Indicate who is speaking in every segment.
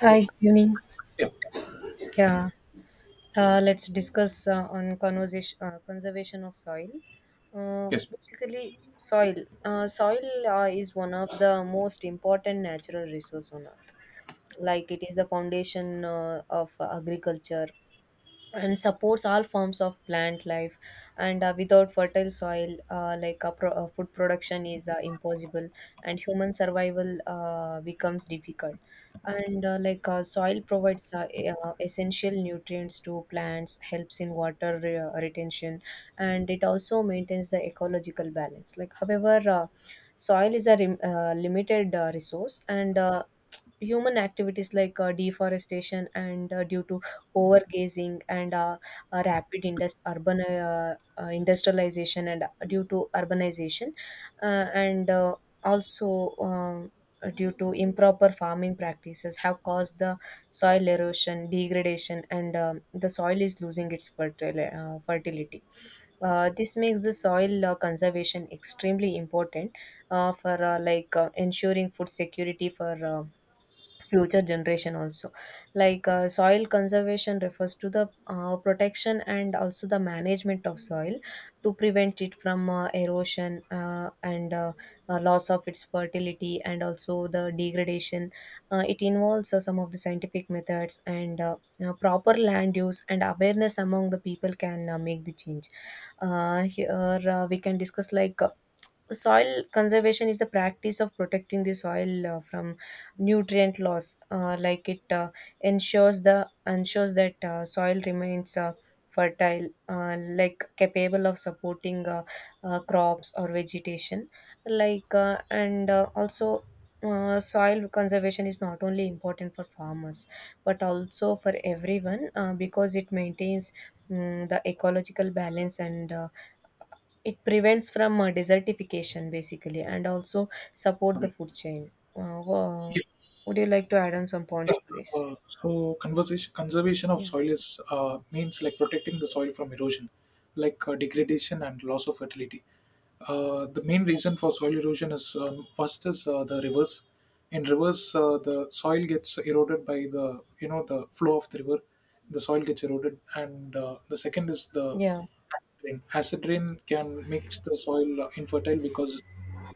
Speaker 1: Hi, good evening.
Speaker 2: Yeah,
Speaker 1: Yeah, let's discuss on conversation conservation of soil.
Speaker 2: yes.
Speaker 1: Basically, soil is one of the most important natural resource on earth. Like it is the foundation of agriculture, and supports all forms of plant life and without fertile soil food production is impossible and human survival becomes difficult and soil provides essential nutrients to plants helps in water retention and it also maintains the ecological balance like however, soil is a limited resource and human activities like deforestation and due to overgazing and rapid indus- urban industrialization and due to urbanization uh, and also due to improper farming practices have caused the soil erosion degradation and the soil is losing its fertility. This makes the soil conservation extremely important for ensuring food security for future generation also. Like soil conservation refers to the protection and also the management of soil to prevent it from erosion and loss of its fertility and also the degradation. It involves some of the scientific methods and proper land use and awareness among the people can make the change. Here We can discuss like soil conservation is the practice of protecting the soil from nutrient loss like it Ensures that soil remains fertile, like capable of supporting crops or vegetation. Like and also Soil conservation is not only important for farmers but also for everyone because it maintains the ecological balance and it prevents from desertification basically and also support the
Speaker 2: Okay.
Speaker 1: food chain.
Speaker 2: Yeah,
Speaker 1: Would you like to add on some
Speaker 2: Yeah.
Speaker 1: points to this?
Speaker 2: Conservation of
Speaker 1: Yeah.
Speaker 2: soil is means like protecting the soil from erosion, like degradation and loss of fertility. The main reason for soil erosion is first is the rivers. In rivers, the soil gets eroded by the you know the flow of the river. The soil gets eroded, and the second is the
Speaker 1: Yeah.
Speaker 2: acid rain. Acid rain can make the soil infertile because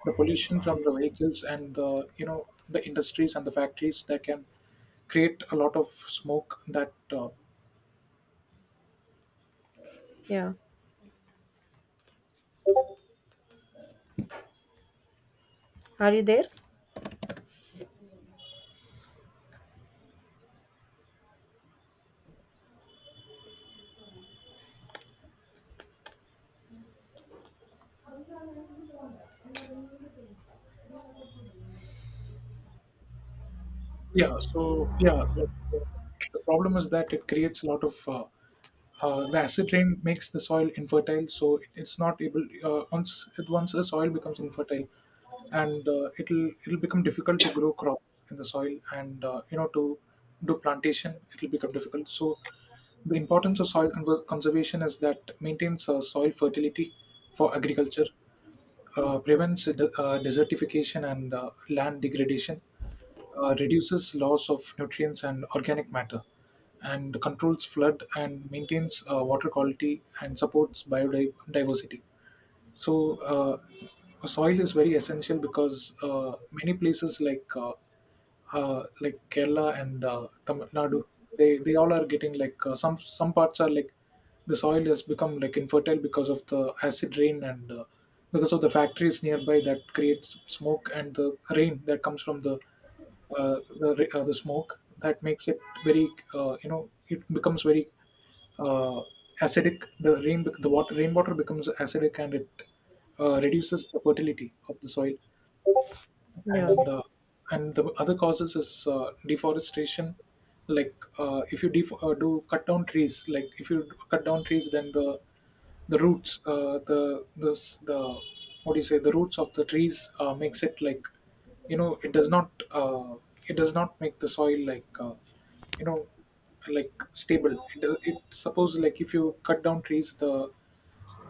Speaker 2: the pollution from the vehicles and the you know the industries and the factories that can create a lot of smoke that
Speaker 1: Yeah. Are you there?
Speaker 2: yeah so yeah like, the problem is that it creates a lot of the acid rain makes the soil infertile, so it's not able once the soil becomes infertile and it'll become difficult to grow crops in the soil, and to do plantation it'll become difficult. So the importance of soil conservation is that maintains soil fertility for agriculture, prevents desertification and land degradation, reduces loss of nutrients and organic matter, and controls flood, and maintains water quality and supports biodiversity. So, soil is very essential because many places like Kerala and Tamil Nadu, they all are getting like some parts are like the soil has become like infertile because of the acid rain, and because of the factories nearby that creates smoke, and the rain that comes from the the smoke that makes it very uh, you know it becomes very uh, acidic. The water, rainwater, becomes acidic and it reduces the fertility of the soil.
Speaker 1: Yeah.
Speaker 2: And and the other causes is deforestation. If you do cut down trees, like if you cut down trees, then the roots, the this the what do you say the roots of the trees makes it like, you know it does not uh, it does not make the soil you know stable. It suppose, like, if you cut down trees,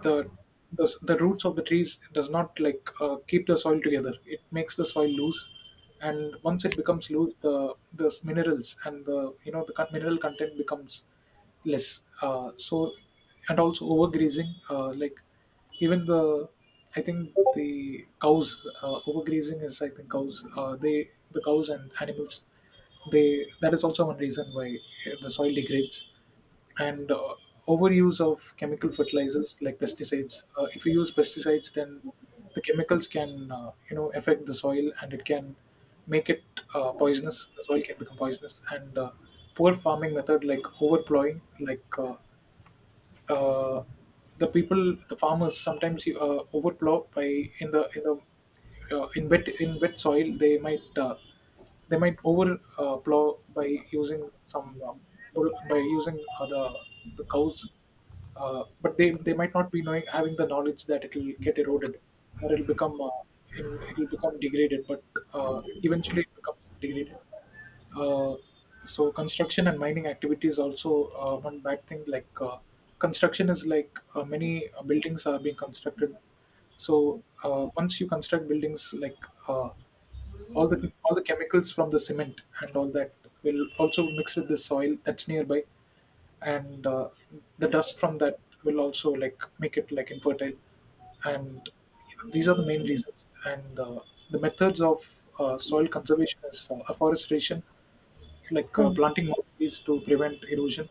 Speaker 2: the the roots of the trees does not like keep the soil together, it makes the soil loose, and once it becomes loose the minerals and the you know the con- mineral content becomes less. So and also overgrazing, like even the I think the cows overgrazing is, I think, cows they, the cows and animals, they, that is also one reason why the soil degrades. And overuse of chemical fertilizers like pesticides. If you use pesticides, then the chemicals can affect the soil and it can make it poisonous. The soil can become poisonous, and poor farming method like overplowing. Uh, the people, the farmers, sometimes overplow by in the in the in wet soil. They might over plow by using some by using the cows, but they might not be knowing, having the knowledge that it will get eroded or it'll become it'll become degraded. But eventually it becomes degraded. Uh, so construction and mining activities also, one bad thing. Construction is like many buildings are being constructed, so once you construct buildings, like uh, all the chemicals from the cement and all that will also mix with the soil that's nearby, and the dust from that will also like make it like infertile. And these are the main reasons. And the methods of soil conservation is afforestation, like
Speaker 1: Hmm.
Speaker 2: planting more trees to prevent erosion,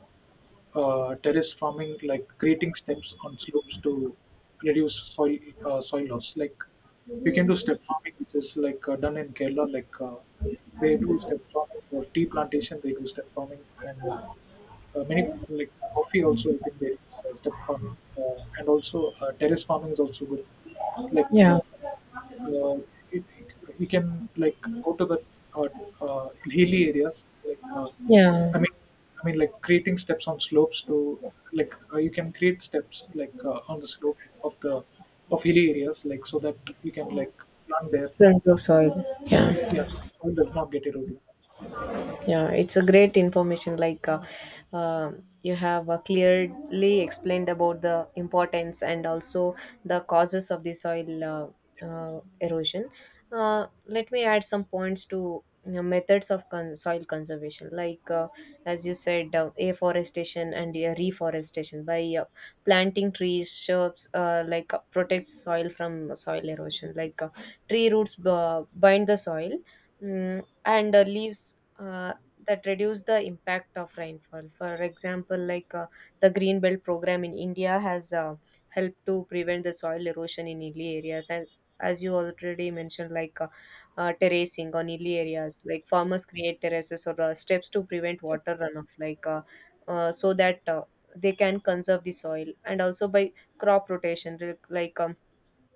Speaker 2: terrace farming, like creating steps on slopes to reduce soil loss. Like you can do step farming, which is like done in Kerala. Like they do step farming for tea plantation, they do step farming. And many, like coffee also, I think they use step farming. Uh, and also terrace farming is also good. like
Speaker 1: Yeah.
Speaker 2: uh, uh, it, it, you can like go to the uh, hilly areas, like
Speaker 1: Yeah.
Speaker 2: I mean, I mean, like creating steps on slopes to, like you can create steps like on the slope of the of hilly areas, like so that you can like plant there.
Speaker 1: Benzoyl soil. Yeah.
Speaker 2: Yes, soil does not get eroded.
Speaker 1: Yeah, it's a great information. You have clearly explained about the importance and also the causes of the soil erosion. Let me add some points to you know, methods of soil conservation. Like as you said, afforestation and reforestation by planting trees, shrubs, protects soil from soil erosion. Like tree roots bind the soil. And leaves that reduce the impact of rainfall. For example, like the green belt program in India has helped to prevent the soil erosion in hilly areas, and as you already mentioned, terracing on hilly areas, like farmers create terraces or steps to prevent
Speaker 2: Yeah.
Speaker 1: water runoff, so that they can conserve the soil, and also by crop rotation, like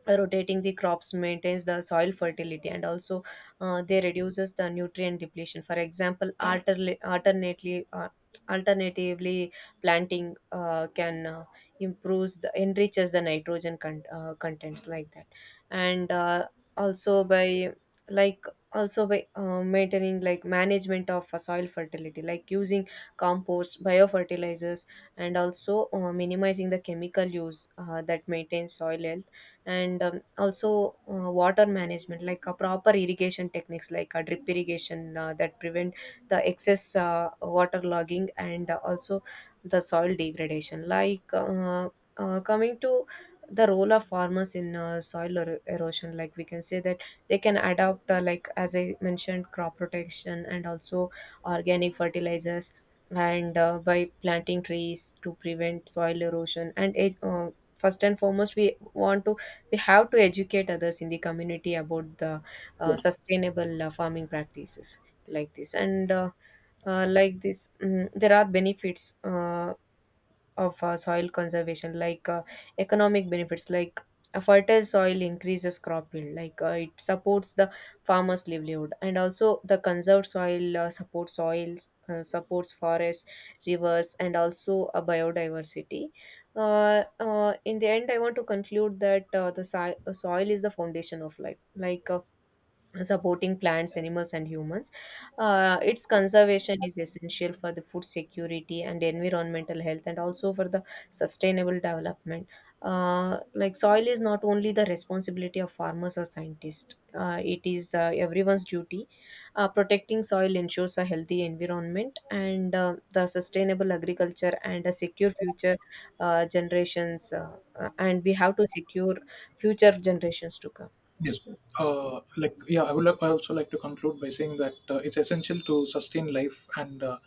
Speaker 1: rotating the crops maintains the soil fertility and also they reduces the nutrient depletion. For example alterla- alternately alternatively planting can improves the enriches the nitrogen contents like that. And also by like also by Maintaining like management of soil fertility like using compost biofertilizers and also minimizing the chemical use that maintains soil health and also water management like a proper irrigation techniques like a drip irrigation that prevent the excess water logging and also the soil degradation coming to the role of farmers in soil erosion, like we can say that they can adopt like as I mentioned crop protection and also organic fertilizers and by planting trees to prevent soil erosion and first and foremost we want to we have to educate others in the community about the sustainable farming practices like this and there are benefits of soil conservation like economic benefits like a fertile soil increases crop yield. Like it supports the farmers livelihood and also the conserved soil supports forests rivers and also a biodiversity. In the end I want to conclude that soil is the foundation of life, like supporting plants, animals, and humans. Its conservation is essential for the food security and environmental health, and also for the sustainable development. Like soil is not only the responsibility of farmers or scientists; it is everyone's duty. Protecting soil ensures a healthy environment and the sustainable agriculture and a secure future generations. And we have to secure future generations to come.
Speaker 2: Yes. Like yeah, I would like, I also like to conclude by saying that it's essential to sustain life and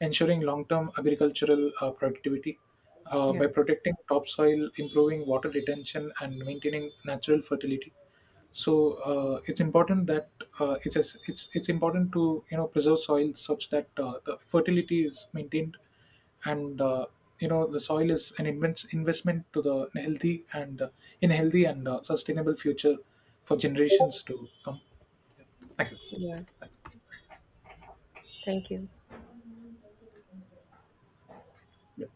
Speaker 2: ensuring long-term agricultural productivity
Speaker 1: Yeah,
Speaker 2: by protecting topsoil, improving water retention, and maintaining natural fertility. So it's important that it's as- it's important to preserve soil such that the fertility is maintained, and the soil is an investment to the healthy and in a healthy and sustainable future for generations to come. Yeah. Thank you.
Speaker 1: yeah.
Speaker 2: Thank
Speaker 1: Thank you.
Speaker 2: you.